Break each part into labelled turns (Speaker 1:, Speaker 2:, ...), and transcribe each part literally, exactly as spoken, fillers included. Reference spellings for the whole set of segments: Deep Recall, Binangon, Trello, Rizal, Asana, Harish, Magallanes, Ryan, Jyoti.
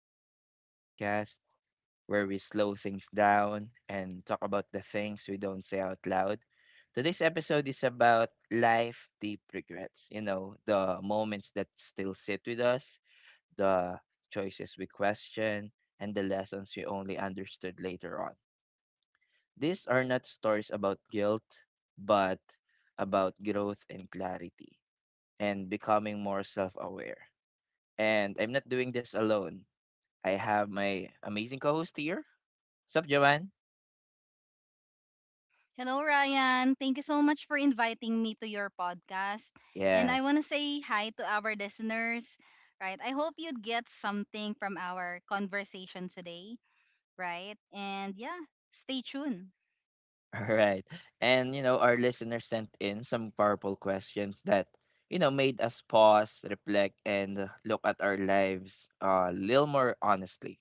Speaker 1: welcome back to the podcast where we slow things down and talk about the things we don't say out loud. Today's episode is about life deep regrets, you know, the moments that still sit with us, the choices we question, and the lessons we only understood later on. These are not stories about guilt, but about growth and clarity and becoming more self aware. And I'm not doing this alone. I have my amazing co-host here. Sup, Joanne?
Speaker 2: Hello, Ryan. Thank you so much for inviting me to your podcast. And I
Speaker 1: Yes.
Speaker 2: want to say hi to our listeners, right? I hope you'd get something from our conversation today, right? And yeah, stay tuned,
Speaker 1: All right. And you know, our listeners sent in some powerful questions that, you know, made us pause, reflect, and uh, look at our lives uh, a little more honestly.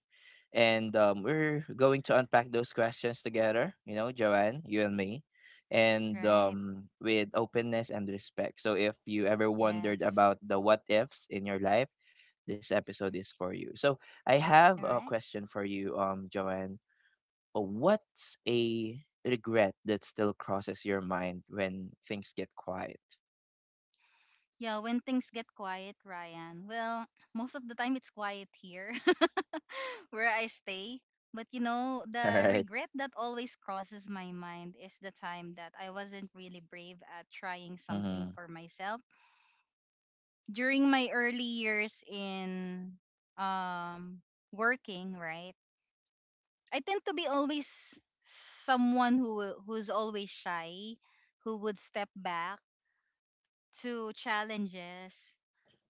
Speaker 1: And um, we're going to unpack those questions together, you know, Joanne, you and me, and
Speaker 2: right?
Speaker 1: um, with openness and respect. So if you ever wondered
Speaker 2: Yes.
Speaker 1: about the what ifs in your life, this episode is for you. So I have
Speaker 2: All
Speaker 1: a
Speaker 2: right.
Speaker 1: question for you, um, Joanne. What's a regret that still crosses your mind when things get quiet?
Speaker 2: Yeah, when things get quiet, Ryan, well, most of the time it's quiet here. Where I stay. But you know,
Speaker 1: All
Speaker 2: the
Speaker 1: right.
Speaker 2: regret that always crosses my mind is the time that I wasn't really brave at trying something
Speaker 1: Mhm.
Speaker 2: for myself. During my early years in um working, right? I tend to be always someone who who's always shy, who would step back to challenges,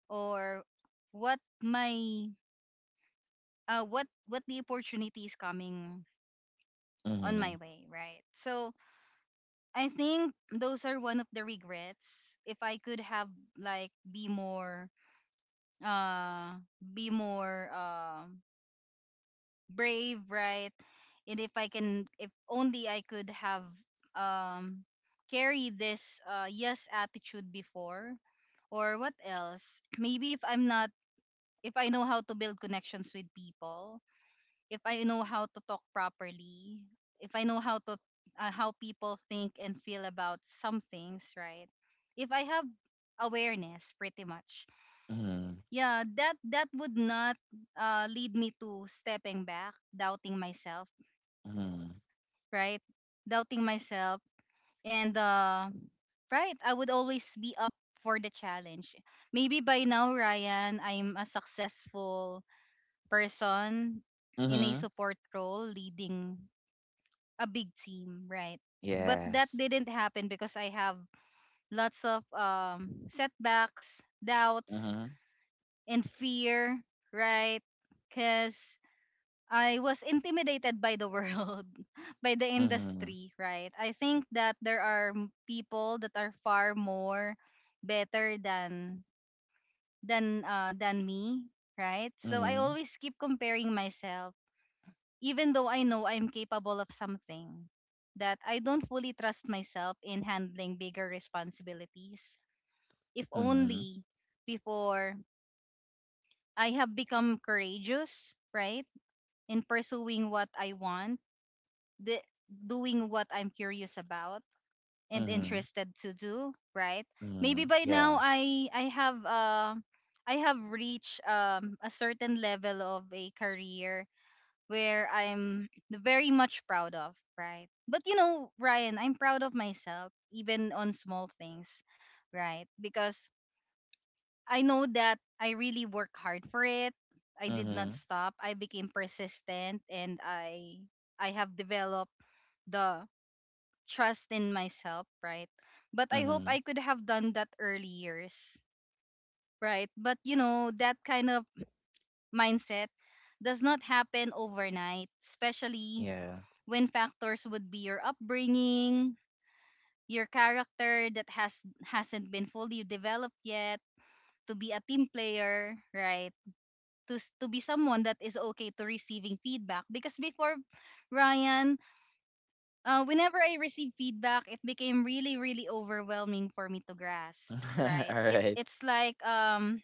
Speaker 2: or what my uh what what the opportunity is coming on my
Speaker 1: Mhm.
Speaker 2: way, right? So I think those are one of the regrets. If I could have, like, be more uh be more uh brave, right? And if I can if only I could have, um carry this uh yes attitude before, or what else? Maybe if I'm not if I know how to build connections with people, if I know how to talk properly, if I know how to, uh, how people think and feel about some things, right? If I have awareness, pretty much.
Speaker 1: Mhm.
Speaker 2: Yeah, that that would not, uh, lead me to stepping back, doubting myself,
Speaker 1: Mhm.
Speaker 2: right? Doubting myself. And, uh right, I would always be up for the challenge. Maybe by now, Ryan, I'm a successful person in a
Speaker 1: Mhm.
Speaker 2: support role leading a big team, right? But that
Speaker 1: Yes.
Speaker 2: didn't happen because I have lots of, um, setbacks, doubts,
Speaker 1: Mhm.
Speaker 2: and fear, right? Because I was intimidated by the world, by the
Speaker 1: Mhm.
Speaker 2: industry, right? I think that there are m- people that are far more better than than uh, than me, right? So I
Speaker 1: Mhm.
Speaker 2: always keep comparing myself, even though I know I'm capable of something, that I don't fully trust myself in handling bigger responsibilities. If
Speaker 1: Mhm.
Speaker 2: only before I have become courageous, right, in pursuing what I want, the, doing what I'm curious about and
Speaker 1: Mhm.
Speaker 2: interested to do, right? Maybe
Speaker 1: Mhm.
Speaker 2: by now
Speaker 1: Yeah.
Speaker 2: I I have uh I have reached, um a certain level of a career where I'm very much proud of, right? But you know, Ryan, I'm proud of myself even on small things, right? Because I know that I really work hard for it. I did not
Speaker 1: Mhm.
Speaker 2: stop. I became persistent, and I I have developed the trust in myself, right? But I hope I
Speaker 1: Mhm.
Speaker 2: could have done that early years, right? But you know, that kind of mindset does not happen overnight, especially
Speaker 1: Yeah.
Speaker 2: when factors would be your upbringing, your character that has hasn't been fully developed yet, to be a team player, right? To s- to be someone that is okay to receiving feedback, because before, Ryan, uh, whenever I received feedback, it became really really overwhelming for me to grasp, right?
Speaker 1: All
Speaker 2: It
Speaker 1: right.
Speaker 2: it's like, um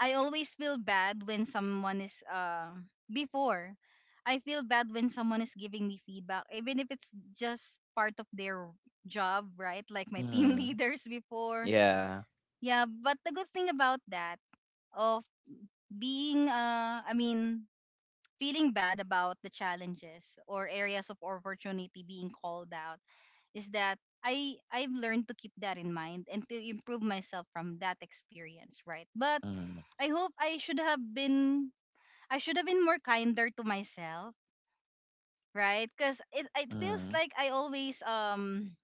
Speaker 2: I always feel bad when someone is uh before, I feel bad when someone is giving me feedback, even if it's just part of their job, right? Like my team
Speaker 1: Mhm.
Speaker 2: leaders before.
Speaker 1: Yeah.
Speaker 2: Yeah, but the good thing about that, of being uh I mean, feeling bad about the challenges or areas of opportunity being called out, is that I I've learned to keep that in mind and to improve myself from that experience, right? But
Speaker 1: Mhm.
Speaker 2: I hope I should have been I should have been more kinder to myself, right? Because it it feels
Speaker 1: Mhm.
Speaker 2: like I always um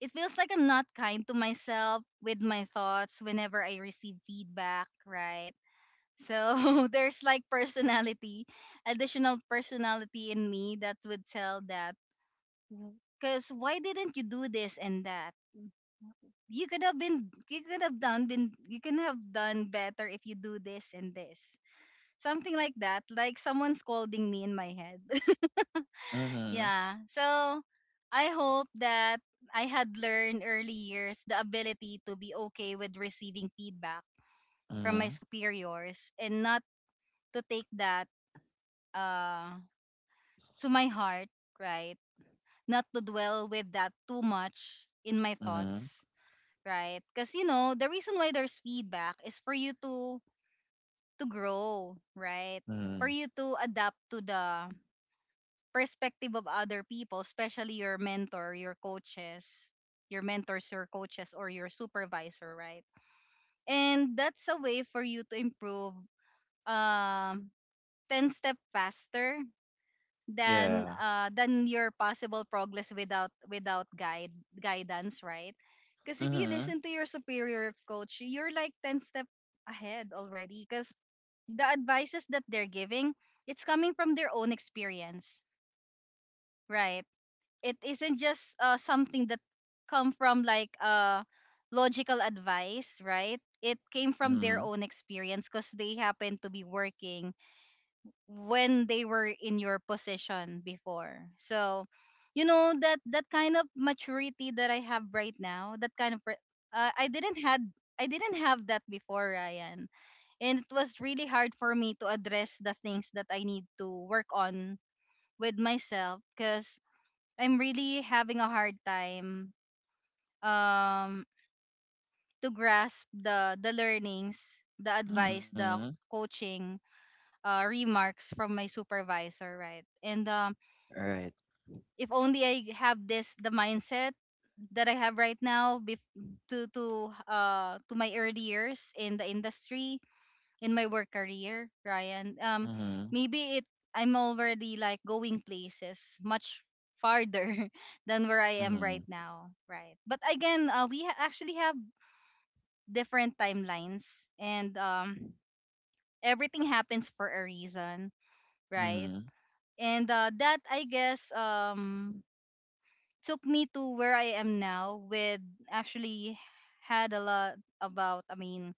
Speaker 2: it feels like I'm not kind to myself with my thoughts whenever I receive feedback, right? So there's like personality, additional personality in me that would tell that, because why didn't you do this and that? You could have been you could have done been you can have done better if you do this and this. Something like that, like someone scolding me in my head.
Speaker 1: Mhm.
Speaker 2: Yeah. So I hope that I had learned early years the ability to be okay with receiving feedback from my
Speaker 1: Mhm.
Speaker 2: superiors, and not to take that, uh to my heart, right? Not to dwell with that too much in my
Speaker 1: Mhm.
Speaker 2: thoughts, right? Cuz you know, the reason why there's feedback is for you to to grow, right?
Speaker 1: Mhm.
Speaker 2: For you to adapt to the perspective of other people, especially your mentor, your coaches, your mentors, your coaches, or your supervisor, right? And that's a way for you to improve, um, ten step faster than
Speaker 1: Yeah.
Speaker 2: uh, than your possible progress without without guide guidance, right? Because if you
Speaker 1: Mhm.
Speaker 2: listen to your superior coach, you're like ten step ahead already, because the advices that they're giving, it's coming from their own experience, right? It isn't just, uh, something that come from, like, uh logical advice, right? It came from their
Speaker 1: Mhm.
Speaker 2: own experience because they happened to be working when they were in your position before. So you know that that kind of maturity that I have right now, that kind of re- uh, i didn't had i didn't have that before, Ryan. And it was really hard for me to address the things that I need to work on with myself because I'm really having a hard time, um to grasp the the learnings, the advice,
Speaker 1: Mhm.
Speaker 2: the coaching, uh, remarks from my supervisor, right? And, um,
Speaker 1: All right.
Speaker 2: if only I have this the mindset that I have right now, bef- to to uh to my early years in the industry, in my work career, Ryan. Um,
Speaker 1: Mhm.
Speaker 2: maybe it I'm already like going places much farther than where I am right
Speaker 1: Mhm,
Speaker 2: now, right? But again, uh, we ha- actually have different timelines, and, um, everything happens for a reason, right?
Speaker 1: mhm,
Speaker 2: And, uh, that I guess, um took me to where I am now with actually had a lot about, I mean,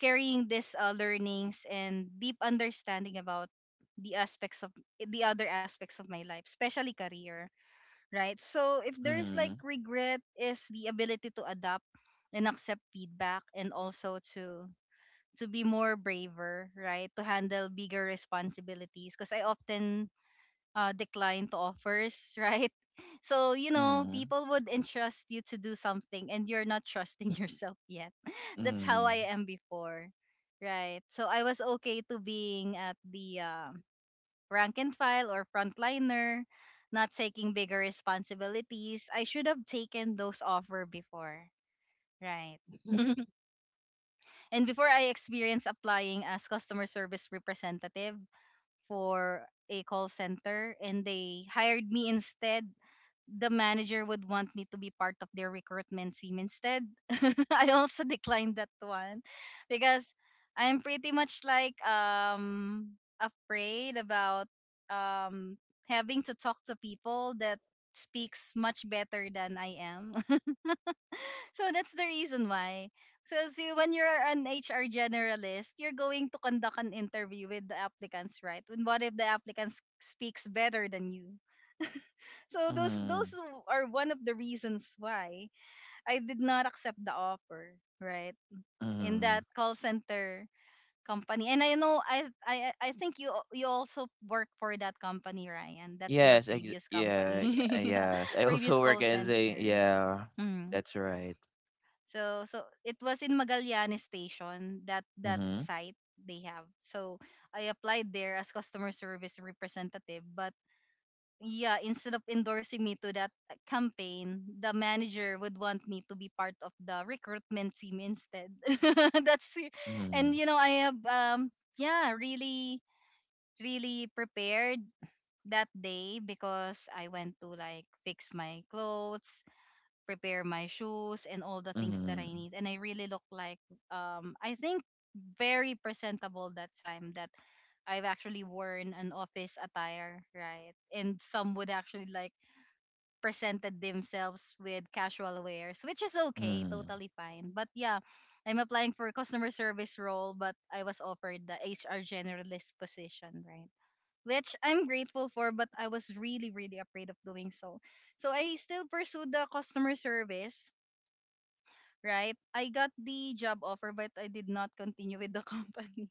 Speaker 2: carrying these, uh, learnings and deep understanding about the aspects of the other aspects of my life, especially career, right? So if there is like
Speaker 1: mhm,
Speaker 2: regret, is the ability to adapt and accept feedback, and also to to be more braver, right? To handle bigger responsibilities because I often, uh, decline to offers, right? So, you know,
Speaker 1: mhm,
Speaker 2: people would entrust you to do something and you're not trusting yourself yet. That's how I
Speaker 1: mhm,
Speaker 2: am before, right? So, I was okay to being at the, uh, rank and file or frontliner, not taking bigger responsibilities. I should have taken those offer before, right? And before, I experienced applying as customer service representative for a call center, and they hired me instead. The manager would want me to be part of their recruitment team instead. I also declined that one because I'm pretty much like, um afraid about, um having to talk to people that speaks much better than I am. So that's the reason why. So see, when you're an H R generalist, you're going to conduct an interview with the applicants, right? And what if the applicants speaks better than you? So those those
Speaker 1: mhm,
Speaker 2: are one of the reasons why I did not accept the offer, right? In that
Speaker 1: mhm.
Speaker 2: call center company. And I know I I I I think you al- you also work for that company, Ryan. That's your
Speaker 1: Yes, ex
Speaker 2: previous company.
Speaker 1: yeah, y- yes. I
Speaker 2: Previous
Speaker 1: also work
Speaker 2: call
Speaker 1: as a
Speaker 2: center.
Speaker 1: yeah.
Speaker 2: Mm.
Speaker 1: That's right.
Speaker 2: So so it was in Magallanes station, that that
Speaker 1: Mhm,
Speaker 2: site they have. So I applied there as customer service representative, but yeah, instead of endorsing me to that, uh, campaign, the manager would want me to be part of the recruitment team instead. That's it. And
Speaker 1: mhm,
Speaker 2: you know, I have, um yeah really really prepared that day because I went to like fix my clothes, prepare my shoes, and all the things that I
Speaker 1: mhm,
Speaker 2: need, and I really look like, um I think very presentable that time, that I've actually worn an office attire, right? And some would actually like presented themselves with casual wares, which is okay,
Speaker 1: mhm,
Speaker 2: totally fine. But yeah, I'm applying for a customer service role, but I was offered the H R generalist position, right? Which I'm grateful for, but I was really, really afraid of doing so. So I still pursued the customer service, right? I got the job offer, but I did not continue with the company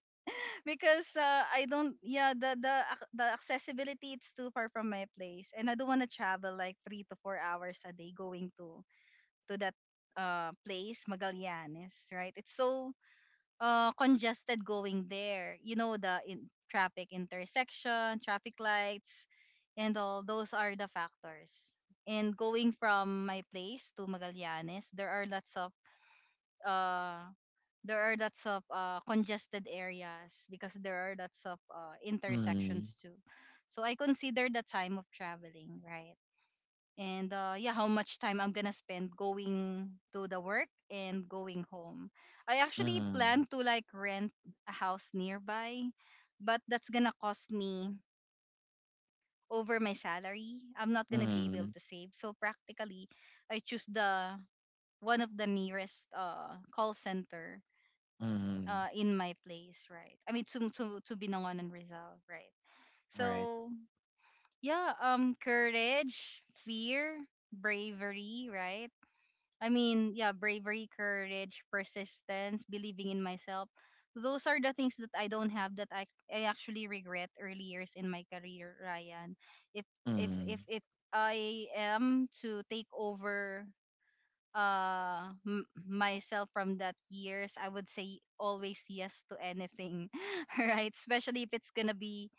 Speaker 2: because, uh, I don't, yeah, the the ac- the accessibility, it's too far from my place and I don't want to travel like three to four hours a day going to to that, uh place, Magallanes, right? It's so, uh congested going there. You know the in- traffic, intersection, traffic lights, and all those are the factors. And going from my place to Magallanes, there are lots of, uh there are lots of uh, congested areas because there are lots of, uh, intersections
Speaker 1: mhm,
Speaker 2: too. So I consider the time of traveling, right? And, uh, yeah, how much time I'm gonna spend going to the work and going home. I actually plan
Speaker 1: mhm,
Speaker 2: to like rent a house nearby, but that's gonna cost me over my salary. I'm not gonna be able
Speaker 1: mhm,
Speaker 2: to save. So practically, I choose the one of the nearest uh, call center
Speaker 1: mhm.
Speaker 2: uh, in my place, right? I mean, to to to Binangon and Rizal, right?
Speaker 1: All right.
Speaker 2: So yeah, um, courage, fear, bravery, right? I mean, yeah, bravery, courage, persistence, believing in myself. Those are the things that I don't have that I I actually regret early years in my career, Ryan. If if if
Speaker 1: Mm.
Speaker 2: if I am to take over uh m- myself from that years, I would say always yes to anything right, especially if it's gonna be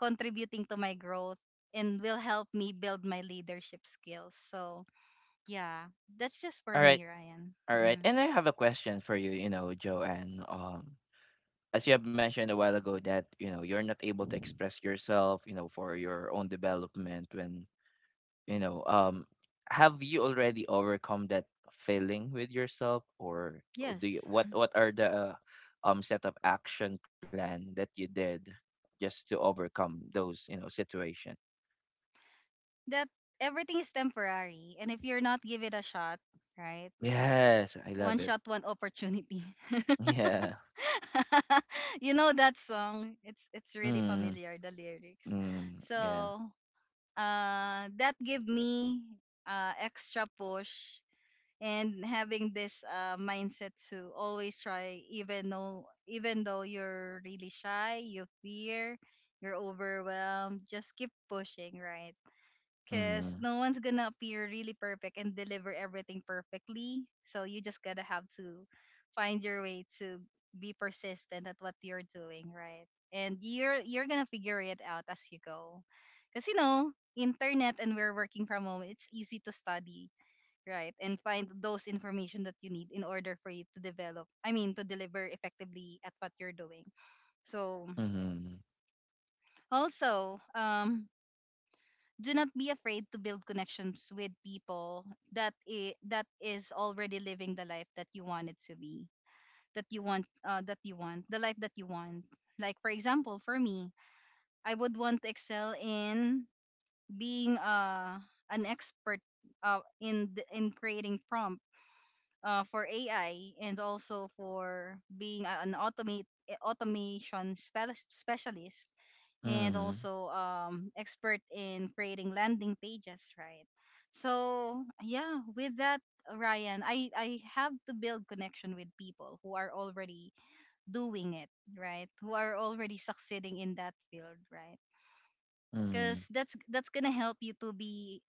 Speaker 2: contributing to my growth and will help me build my leadership skills. So yeah, that's just for
Speaker 1: All right.
Speaker 2: me, Ryan.
Speaker 1: All right.
Speaker 2: Mhm.
Speaker 1: And I have a question for you, you know, Joanne. Um, as you have mentioned a while ago that, you know, you're not able to express yourself, you know, for your own development when You know, um, have you already overcome that feeling with yourself, or uh, do you,
Speaker 2: Yes,
Speaker 1: what what are the uh, um set of action plan that you did just to overcome those you know situation?
Speaker 2: that everything is temporary and if you're not give it a shot, right?
Speaker 1: Yes, I love
Speaker 2: One
Speaker 1: it.
Speaker 2: shot, one opportunity.
Speaker 1: Yeah.
Speaker 2: You know that song, it's it's really
Speaker 1: Mm,
Speaker 2: familiar, the lyrics.
Speaker 1: mm, yeah.
Speaker 2: So uh, that give me uh, extra push and having this uh, mindset to always try, even though even though you're really shy, you fear, you're overwhelmed, just keep pushing, right? Because
Speaker 1: Mm,
Speaker 2: no one's gonna appear really perfect and deliver everything perfectly. So you just gotta have to find your way to be persistent at what you're doing, right? And you're you're gonna figure it out as you go, because you know internet and we're working from home. It's easy to study, right, and find those information that you need in order for you to develop. I mean, to deliver effectively at what you're doing. So
Speaker 1: mm,
Speaker 2: also, um, do not be afraid to build connections with people that i- that is already living the life that you want it to be, that you want uh, that you want the life that you want. Like for example, for me, I would want to excel in being uh, an expert uh, in the, in creating prompt uh, for AI, and also for being a- an automate automation spell- specialist, and
Speaker 1: mm,
Speaker 2: also um, expert in creating landing pages, right? So yeah, with that, Ryan, I I have to build connection with people who are already doing it, right? Who are already succeeding in that field, right?
Speaker 1: mm,
Speaker 2: Because that's that's gonna help you to be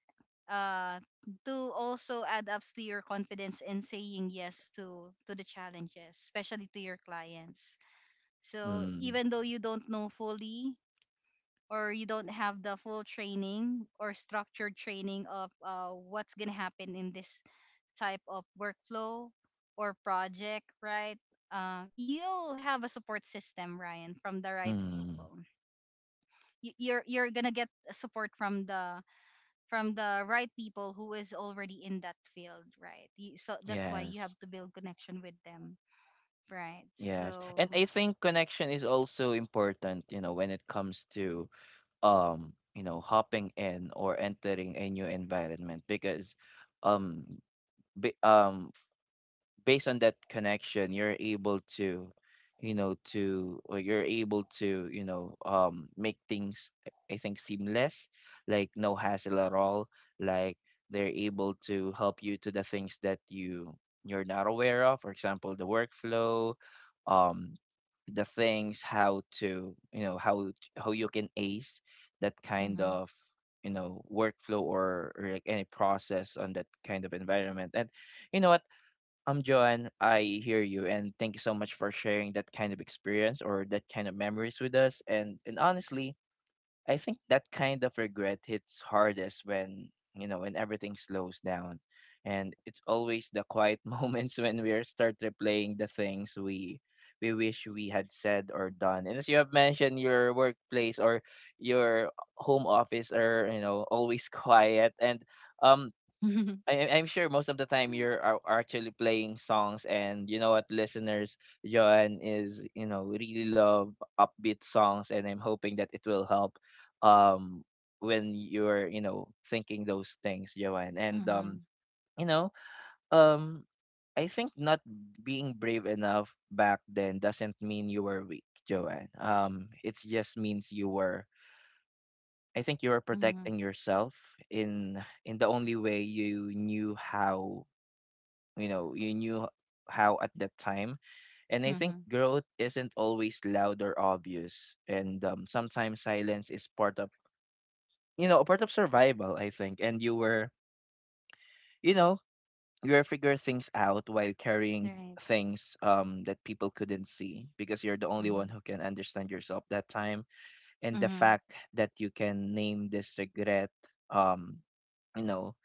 Speaker 2: uh to also add up to your confidence in saying yes to to the challenges, especially to your clients. So
Speaker 1: mm,
Speaker 2: even though you don't know fully, or you don't have the full training or structured training of uh, what's going to happen in this type of workflow or project, right? Uh, you'll have a support system, Ryan, from the right
Speaker 1: mm.
Speaker 2: people. Y- You're you're gonna get support from the from the right people who is already in that field, right? You, so that's why you
Speaker 1: Yes.
Speaker 2: have to build connection with them, right?
Speaker 1: Yes.
Speaker 2: So,
Speaker 1: And I think connection is also important, you know, when it comes to um you know hopping in or entering a new environment because um be, um based on that connection you're able to you know to or you're able to you know um make things i I think seamless, like no hassle at all, like they're able to help you to the things that you you're not aware of, for example the workflow, um the things how to you know how t- how you can ace that kind
Speaker 2: mhm.
Speaker 1: of you know workflow, or, or like any process on that kind of environment. And you know what, I'm Joanne, I hear you, and thank you so much for sharing that kind of experience or that kind of memories with us. And and honestly, I think that kind of regret hits hardest when you know when everything slows down, and it's always the quiet moments when we start replaying the things we we wish we had said or done. And as you have mentioned, your workplace or your home office are you know always quiet. And um
Speaker 2: Mhm.
Speaker 1: I, I'm sure most of the time you're are, are actually playing songs, and you know what, listeners, Joanne is you know really love upbeat songs, and I'm hoping that it will help um when you're you know thinking those things, Joanne. And um
Speaker 2: Mhm.
Speaker 1: you know um I think not being brave enough back then doesn't mean you were weak, Joanne. Um, it just means you were. I think you were
Speaker 2: Mhm.
Speaker 1: protecting yourself in in the only way you knew how you know you knew how at that time, and I think
Speaker 2: Mhm.
Speaker 1: growth isn't always loud or obvious, and um, sometimes silence is part of you know part of survival, I think. And you were you know you were figure things out while carrying
Speaker 2: Right,
Speaker 1: things um that people couldn't see, because you're the only one
Speaker 2: mhm.
Speaker 1: who can understand yourself that time. And the
Speaker 2: Mhm.
Speaker 1: fact that you can name this regret, um you know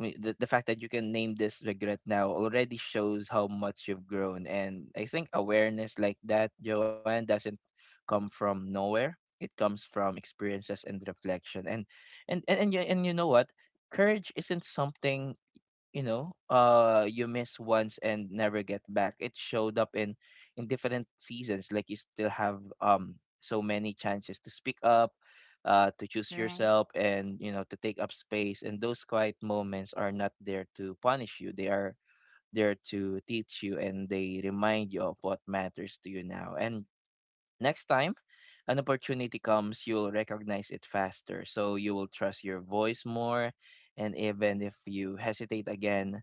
Speaker 1: I mean, the, the fact that you can name this regret now already shows how much you've grown. And I think awareness like that, Joanne, doesn't come from nowhere. It comes from experiences and reflection. And and and and you, and you know what? Courage isn't something you know uh you miss once and never get back. It showed up in in different seasons. Like, you still have um so many chances to speak up, uh to choose
Speaker 2: Right.
Speaker 1: yourself, and you know to take up space. And those quiet moments are not there to punish you, they are there to teach you, and they remind you of what matters to you now. And next time an opportunity comes, you'll recognize it faster. So you will trust your voice more. And even if you hesitate again,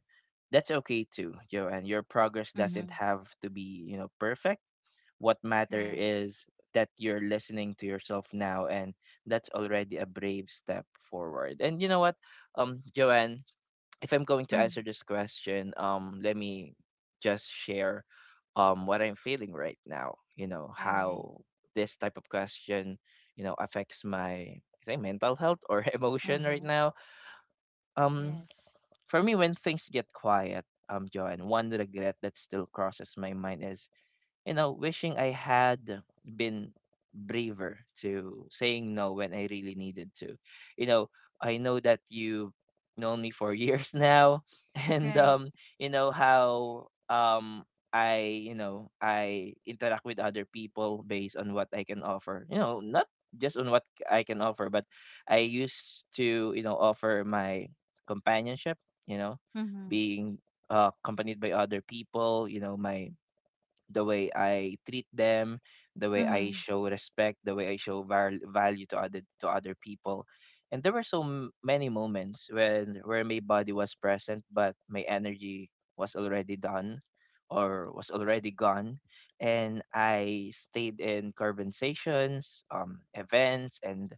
Speaker 1: that's okay too, Joanne. Your progress doesn't
Speaker 2: Mhm.
Speaker 1: have to be, you know, perfect. What matter
Speaker 2: Right.
Speaker 1: is that you're listening to yourself now, and that's already a brave step forward. And you know what, um, Joanne, if I'm going to answer
Speaker 2: Mhm.
Speaker 1: this question, um, let me just share um what I'm feeling right now. You know
Speaker 2: All right.
Speaker 1: how this type of question, you know, affects my, I think, mental health or emotion right
Speaker 2: Uh-huh.
Speaker 1: now. Um,
Speaker 2: Yes.
Speaker 1: for me, when things get quiet, um, John, one regret that still crosses my mind is, you know, wishing I had been braver to saying no when I really needed to. You know, I know that you've known me for years now, and
Speaker 2: Right.
Speaker 1: um, you know how um I, you know, I interact with other people based on what I can offer. You know, not just on what I can offer, but I used to, you know, offer my companionship, you know,
Speaker 2: Mhm.
Speaker 1: being uh, accompanied by other people, you know, my the way I treat them, the way I
Speaker 2: Mhm.
Speaker 1: show respect, the way I show val- value to other to other people. And there were so m- many moments when where my body was present but my energy was already done or was already gone, and I stayed in conversations, um events, and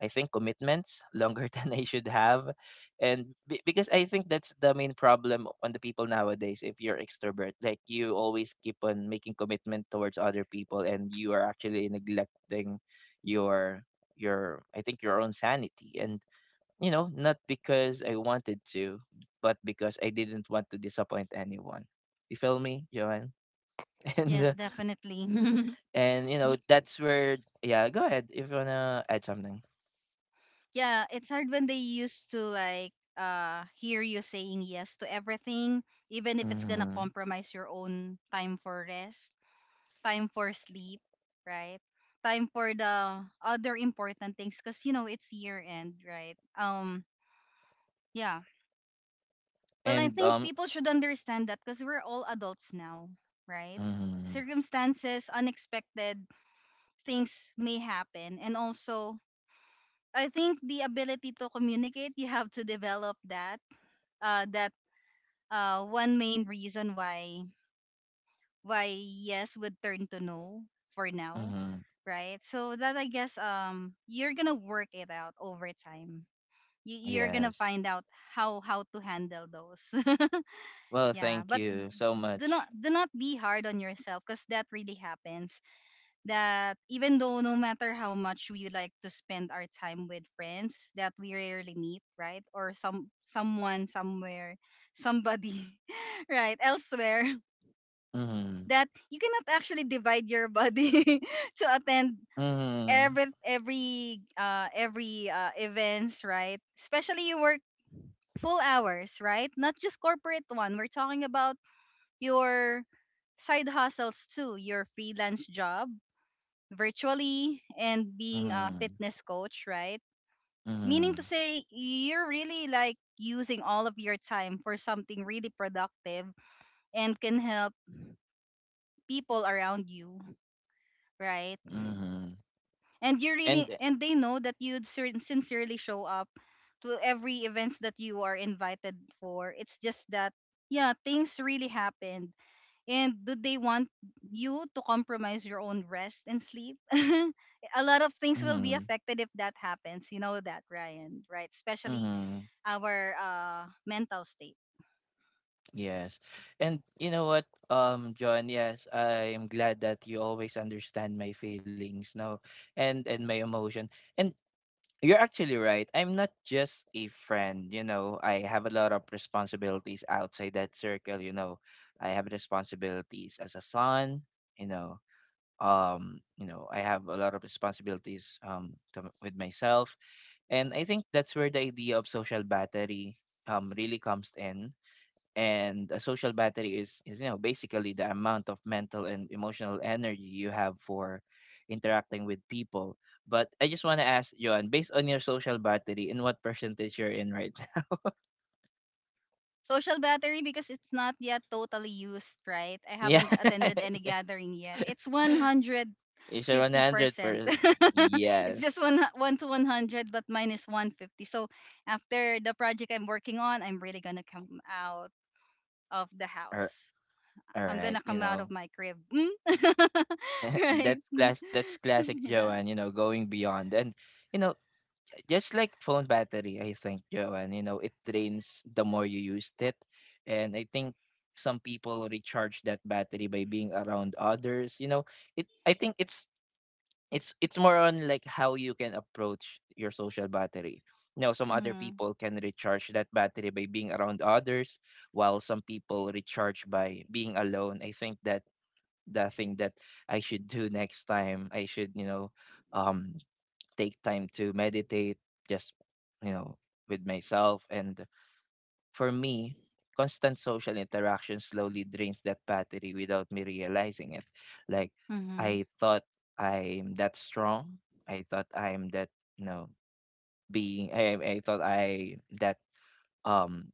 Speaker 1: I think commitments longer than I should have. And be- because I think that's the main problem on the people nowadays. If you're extrovert, like, you always keep on making commitment towards other people and you are actually neglecting your your I think your own sanity. And you know not because I wanted to, but because I didn't want to disappoint anyone. You feel me, Joanne? And
Speaker 2: Yes,
Speaker 1: uh,
Speaker 2: definitely.
Speaker 1: and you know
Speaker 2: Y-
Speaker 1: that's where, yeah, go ahead if you wanna add something.
Speaker 2: yeah, it's hard when they used to like uh hear you saying yes to everything, even if it's gonna
Speaker 1: Hmm.
Speaker 2: compromise your own time for rest, time for sleep, right? Time for the other important things, because you know it's year end, right? Um, yeah. Well, I
Speaker 1: and
Speaker 2: think
Speaker 1: um
Speaker 2: people should understand that because we're all adults now, right?
Speaker 1: hmm.
Speaker 2: Circumstances, unexpected things may happen. And also, I think the ability to communicate, you have to develop that. Uh, that uh, One main reason why why yes would turn to no for now,
Speaker 1: Hmm.
Speaker 2: right? So that, I guess, um, you're gonna work it out over time. You, you're gonna
Speaker 1: Yes.
Speaker 2: find out how how to handle those.
Speaker 1: Well,
Speaker 2: Yeah,
Speaker 1: thank
Speaker 2: but
Speaker 1: you so
Speaker 2: do
Speaker 1: much.
Speaker 2: not do not be hard on yourself, because that really happens, that even though no matter how much we like to spend our time with friends that we rarely meet, right, or some someone somewhere, somebody right, elsewhere.
Speaker 1: Mhm.
Speaker 2: That you cannot actually divide your body to attend
Speaker 1: Mhm.
Speaker 2: every every uh every uh events, right? Especially you work full hours, right? Not just corporate one we're talking about. Your side hustles too, your freelance job virtually, and being a
Speaker 1: Mhm.
Speaker 2: fitness coach, right? Meaning to
Speaker 1: Mhm.
Speaker 2: say, you're really like using all of your time for something really productive and can help people around you, right?
Speaker 1: Mhm.
Speaker 2: And you really,
Speaker 1: And
Speaker 2: and they know that you'd sin- sincerely show up to every events that you are invited for. It's just that, yeah, things really happened. And do they want you to compromise your own rest and sleep? A lot of things
Speaker 1: mhm.
Speaker 2: will be affected if that happens. You know that, Ryan, right? Especially
Speaker 1: Mhm.
Speaker 2: our uh, mental state.
Speaker 1: Yes. And you know what, um, John, yes, I am glad that you always understand my feelings now and and my emotion. And you're actually right. I'm not just a friend, you know. I have a lot of responsibilities outside that circle, you know. I have responsibilities as a son, you know um you know I have a lot of responsibilities um to, with myself. And I think that's where the idea of social battery um really comes in. And a social battery is is you know basically the amount of mental and emotional energy you have for interacting with people. But I just want to ask Johan, based on your social battery, in what percentage you're in right now?
Speaker 2: Social battery, because it's not yet totally used, right? I
Speaker 1: Yeah.
Speaker 2: haven't attended any gathering yet. It's
Speaker 1: Is your one hundred
Speaker 2: one hundred fifty percent.
Speaker 1: per
Speaker 2: It's just
Speaker 1: Yes.
Speaker 2: one, 1 to one hundred, but mine is one hundred fifty. So after the project I'm working on, I'm really going to come out of the house.
Speaker 1: Or all
Speaker 2: I'm
Speaker 1: right,
Speaker 2: gonna
Speaker 1: you
Speaker 2: come out of
Speaker 1: know,
Speaker 2: my crib. Mm? Right?
Speaker 1: that's
Speaker 2: Mm.
Speaker 1: class that's classic
Speaker 2: Yeah.
Speaker 1: Joanne, you know, going beyond. And you know, just like phone battery, I think, Joanne, you know, it drains the more you used it. And I think some people recharge that battery by being around others. You know, it I think it's it's it's more on like how you can approach your social battery. You know, some other
Speaker 2: Mm-hmm.
Speaker 1: people can recharge that battery by being around others, while some people recharge by being alone. I think that the thing that I should do next time. I should, you know, um, take time to meditate, just, you know, with myself. And for me, constant social interaction slowly drains that battery without me realizing it. Like,
Speaker 2: Mm-hmm.
Speaker 1: I thought I'm that strong. I thought I'm that, you know, being, I, I I thought I that um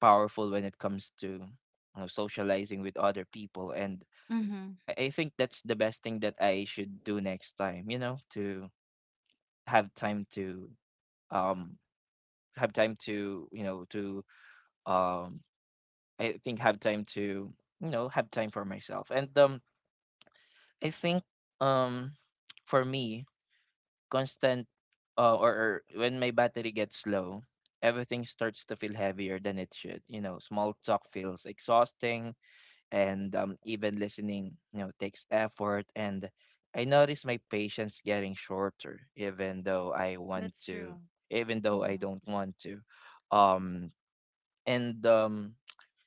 Speaker 1: powerful when it comes to, you know, socializing with other people. And
Speaker 2: Mm-hmm.
Speaker 1: I I think that's the best thing that I should do next time, you know, to have time to um have time to, you know, to um I think have time to, you know, have time for myself. And um I think, um for me, constant uh, or, or when my battery gets low, everything starts to feel heavier than it should. You know, small talk feels exhausting and um, even listening you know takes effort, and I notice my patience getting shorter even though I want
Speaker 2: That's
Speaker 1: to,
Speaker 2: true.
Speaker 1: even though I
Speaker 2: Mm-hmm.
Speaker 1: don't want to. Um and um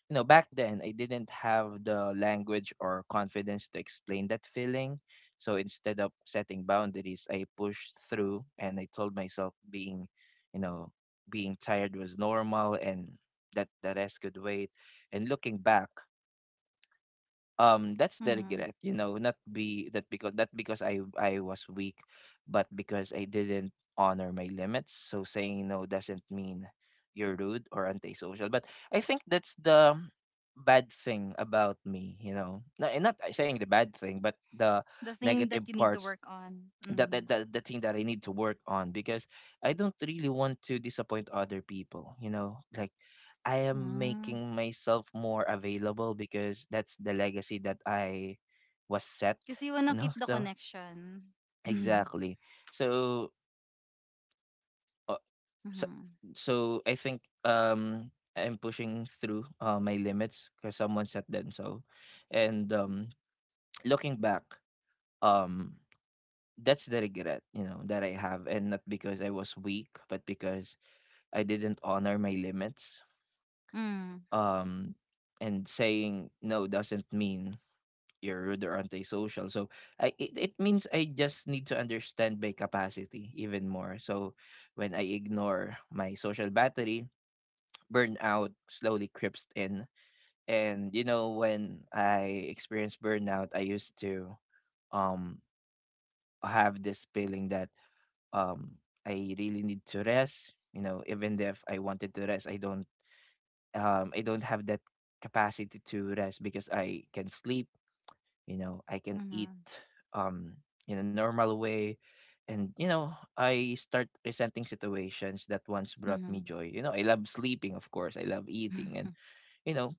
Speaker 1: you know Back then, I didn't have the language or confidence to explain that feeling, so instead of setting boundaries, I pushed through and I told myself being you know being tired was normal and that the rest could wait. And looking back, um that's
Speaker 2: Mm-hmm.
Speaker 1: delicate, you know, not be that because that because i i was weak, but because I didn't honor my limits. So saying no doesn't mean you're rude or antisocial, but I think that's the bad thing about me, you know, not, eh, not saying the bad thing but the
Speaker 2: The thing
Speaker 1: negative
Speaker 2: that you need to
Speaker 1: parts,
Speaker 2: work on.
Speaker 1: that,
Speaker 2: Mm-hmm.
Speaker 1: that, that the thing that I need to work on, because I don't really want to disappoint other people, you know, like I am
Speaker 2: Mm.
Speaker 1: making myself more available because that's the legacy that I was set,
Speaker 2: Because you wanna
Speaker 1: you know.
Speaker 2: keep the connection.
Speaker 1: So exactly. So uh, so,
Speaker 2: Mm-hmm.
Speaker 1: so I think um I'm pushing through uh, my limits because someone set them, so, and um looking back, um that's the regret, you know, that I have, and not because I was weak, but because I didn't honor my limits.
Speaker 2: Mm-hmm.
Speaker 1: um and saying no doesn't mean you're rude or antisocial, so i it, it means I just need to understand my capacity even more. So when I ignore my social battery, burnout slowly creeps in. And you know, when I experienced burnout, I used to um have this feeling that um I really need to rest. You know, even if I wanted to rest, I don't um I don't have that capacity to rest, because I can sleep, you know, I can eat
Speaker 2: Mm-hmm.
Speaker 1: um in a normal way. And you know, I start resenting situations that once brought me joy. You know, I love sleeping, of course. I love eating,
Speaker 2: Mm-hmm.
Speaker 1: and you know,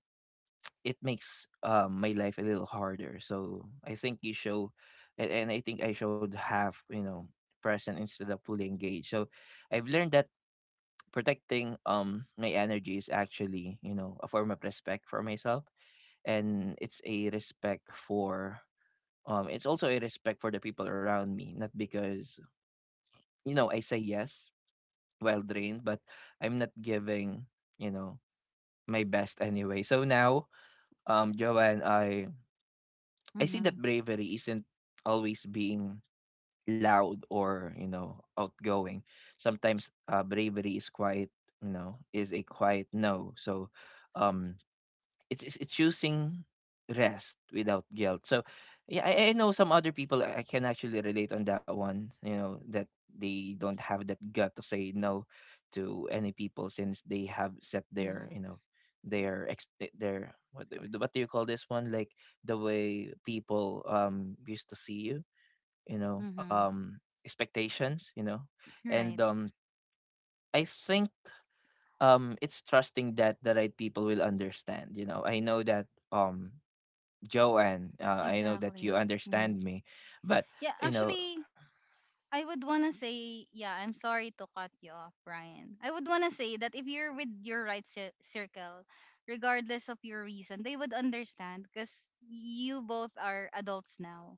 Speaker 1: it makes um my life a little harder. So I think you show, and, and I think I showed half, you know, present instead of fully engaged. So I've learned that protecting um my energy is actually, you know, a form of respect for myself, and it's a respect for um it's also a respect for the people around me. Not because, you know, I say yes while drained, but I'm not giving, you know my best anyway. So now, um, Joanne, I I see
Speaker 2: Mm-hmm.
Speaker 1: that bravery isn't always being loud or, you know, outgoing. Sometimes uh, bravery is quiet. You know, is a quiet no. So, um, it's it's, it's choosing rest without guilt. So yeah, I, I know some other people I I can actually relate on that one. You know that they don't have that gut to say no to any people since they have set their, you
Speaker 2: Mm-hmm.
Speaker 1: know, their ex, their what do what do you call this one, like the way people um used to see you, you know,
Speaker 2: Mm-hmm.
Speaker 1: um expectations, you know. And
Speaker 2: Right.
Speaker 1: um I think um it's trusting that the right people will understand. You know, I know that um Joanne, uh, I know that you
Speaker 2: Exactly. Mm-hmm.
Speaker 1: understand me, but
Speaker 2: Yeah,
Speaker 1: you know,
Speaker 2: actually, I would want to say, yeah, I'm sorry to cut you off, Brian. I would want to say that if you're with your right cir- circle, regardless of your reason, they would understand because you both are adults now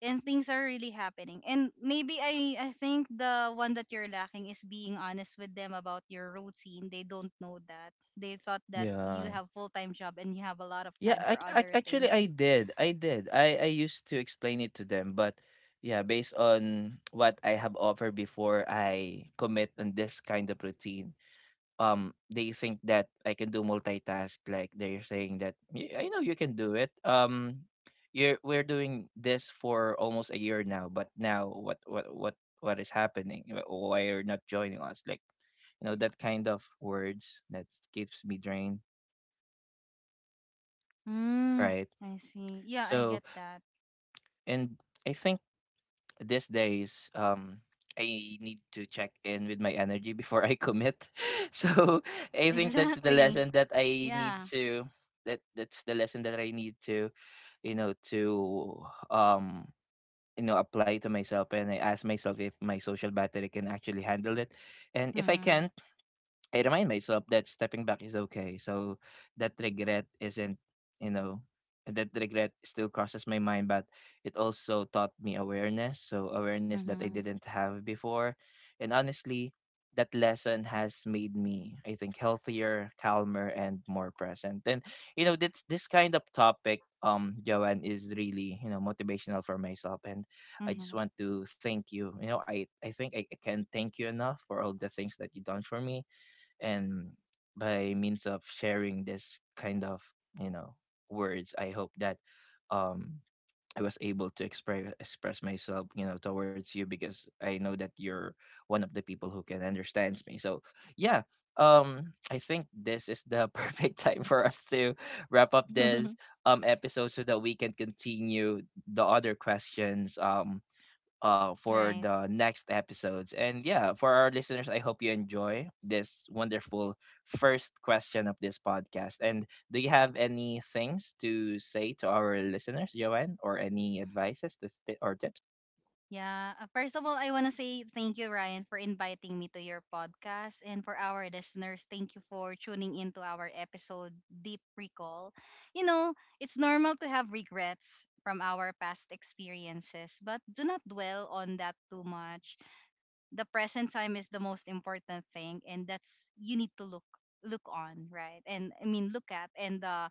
Speaker 2: and things are really happening. And maybe I, I think the one that you're lacking is being honest with them about your routine. They don't know that. They thought that you
Speaker 1: yeah,
Speaker 2: have full-time job and you have a lot of
Speaker 1: yeah.
Speaker 2: time
Speaker 1: I,
Speaker 2: for
Speaker 1: I
Speaker 2: other
Speaker 1: actually
Speaker 2: things.
Speaker 1: I did, I did. I I used to explain it to them, but yeah, based on what I have offered before, I commit on this kind of routine. Um they think that I can do multitask, like they're saying that "Y- I know you can do it, um you're we're doing this for almost a year now, but now what what what what is happening. Wh- why you're not joining us, like you know that kind of words that keeps me drained,
Speaker 2: Mm,
Speaker 1: right?
Speaker 2: I see. Yeah, I
Speaker 1: So
Speaker 2: get that.
Speaker 1: and I think these days, um I need to check in with my energy before I commit. So I think that's the
Speaker 2: Exactly.
Speaker 1: lesson that I need
Speaker 2: Yeah.
Speaker 1: to, that that's the lesson that I need to, you know, to um you know apply to myself, and I ask myself if my social battery can actually handle it. And if I
Speaker 2: Mhm.
Speaker 1: can't, I remind myself that stepping back is okay. So that regret isn't, you know, that regret still crosses my mind, but it also taught me awareness. So awareness that I
Speaker 2: Mhm.
Speaker 1: didn't have before. And honestly, that lesson has made me, I think, healthier, calmer, and more present. And you know, this this kind of topic, um, Joanne, is really, you know, motivational for myself. And I just
Speaker 2: Mhm.
Speaker 1: want to thank you. You know, I, I think I, I can't thank you enough for all the things that you've done for me, and by means of sharing this kind of, you know, words, I hope that um I was able to express express myself, you know, towards you, because I know that you're one of the people who can understands me. So yeah, um I think this is the perfect time for us to wrap up this um episode, so that we can continue the other questions, um uh for
Speaker 2: Right.
Speaker 1: the next episodes. And yeah, for our listeners, I hope you enjoy this wonderful first question of this podcast. And do you have any things to say to our listeners, Joanne, or any advices to sti- or tips?
Speaker 2: Yeah. Uh, first of all, I want to say thank you, Ryan, for inviting me to your podcast. And for our listeners, thank you for tuning into our episode, Deep Recall. You know, it's normal to have regrets from our past experiences, but do not dwell on that too much. The present time is the most important thing, and that's you need to look look on, right, and I mean, look at, and uh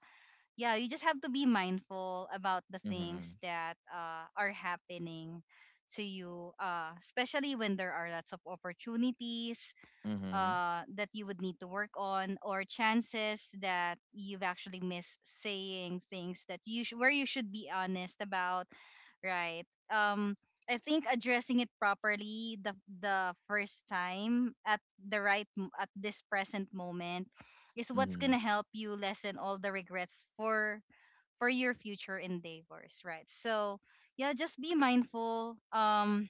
Speaker 2: yeah, you just have to be mindful about the
Speaker 1: Mm-hmm.
Speaker 2: things that uh, are happening to you, uh, especially when there are lots of opportunities
Speaker 1: Mm-hmm.
Speaker 2: uh, that you would need to work on, or chances that you've actually missed, saying things that you sh- where you should be honest about, right? Um, I think addressing it properly the the first time at the right m- at this present moment is what's gonna help you lessen all the regrets for for your future endeavors, right? So yeah, just be mindful. Um,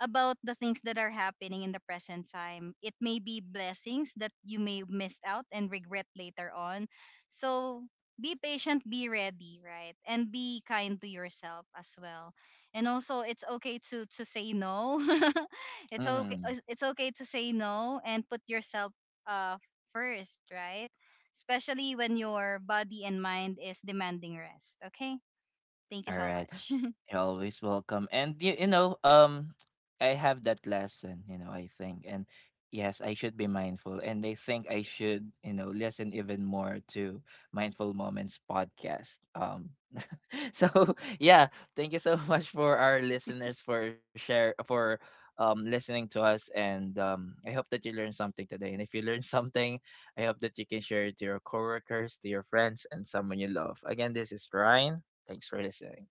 Speaker 2: about the things that are happening in the present time. It may be blessings that you may miss out and regret later on. So be patient, be ready, right? And be kind to yourself as well. And also, it's okay to to say no. It's okay,
Speaker 1: Mm-hmm.
Speaker 2: it's okay to say no and put yourself uh first, right? Especially when your body and mind is demanding rest, okay? Thank you
Speaker 1: All
Speaker 2: so
Speaker 1: right.
Speaker 2: much.
Speaker 1: You're always welcome. And you, you know, um I have that lesson, you know, I think. And yes, I should be mindful. And I think I should, you know, listen even more to Mindful Moments podcast. Um so yeah, thank you so much for our listeners for share for um listening to us, and um I hope that you learned something today. And if you learned something, I hope that you can share it to your coworkers, to your friends, and someone you love. Again, this is Ryan. Thanks for listening.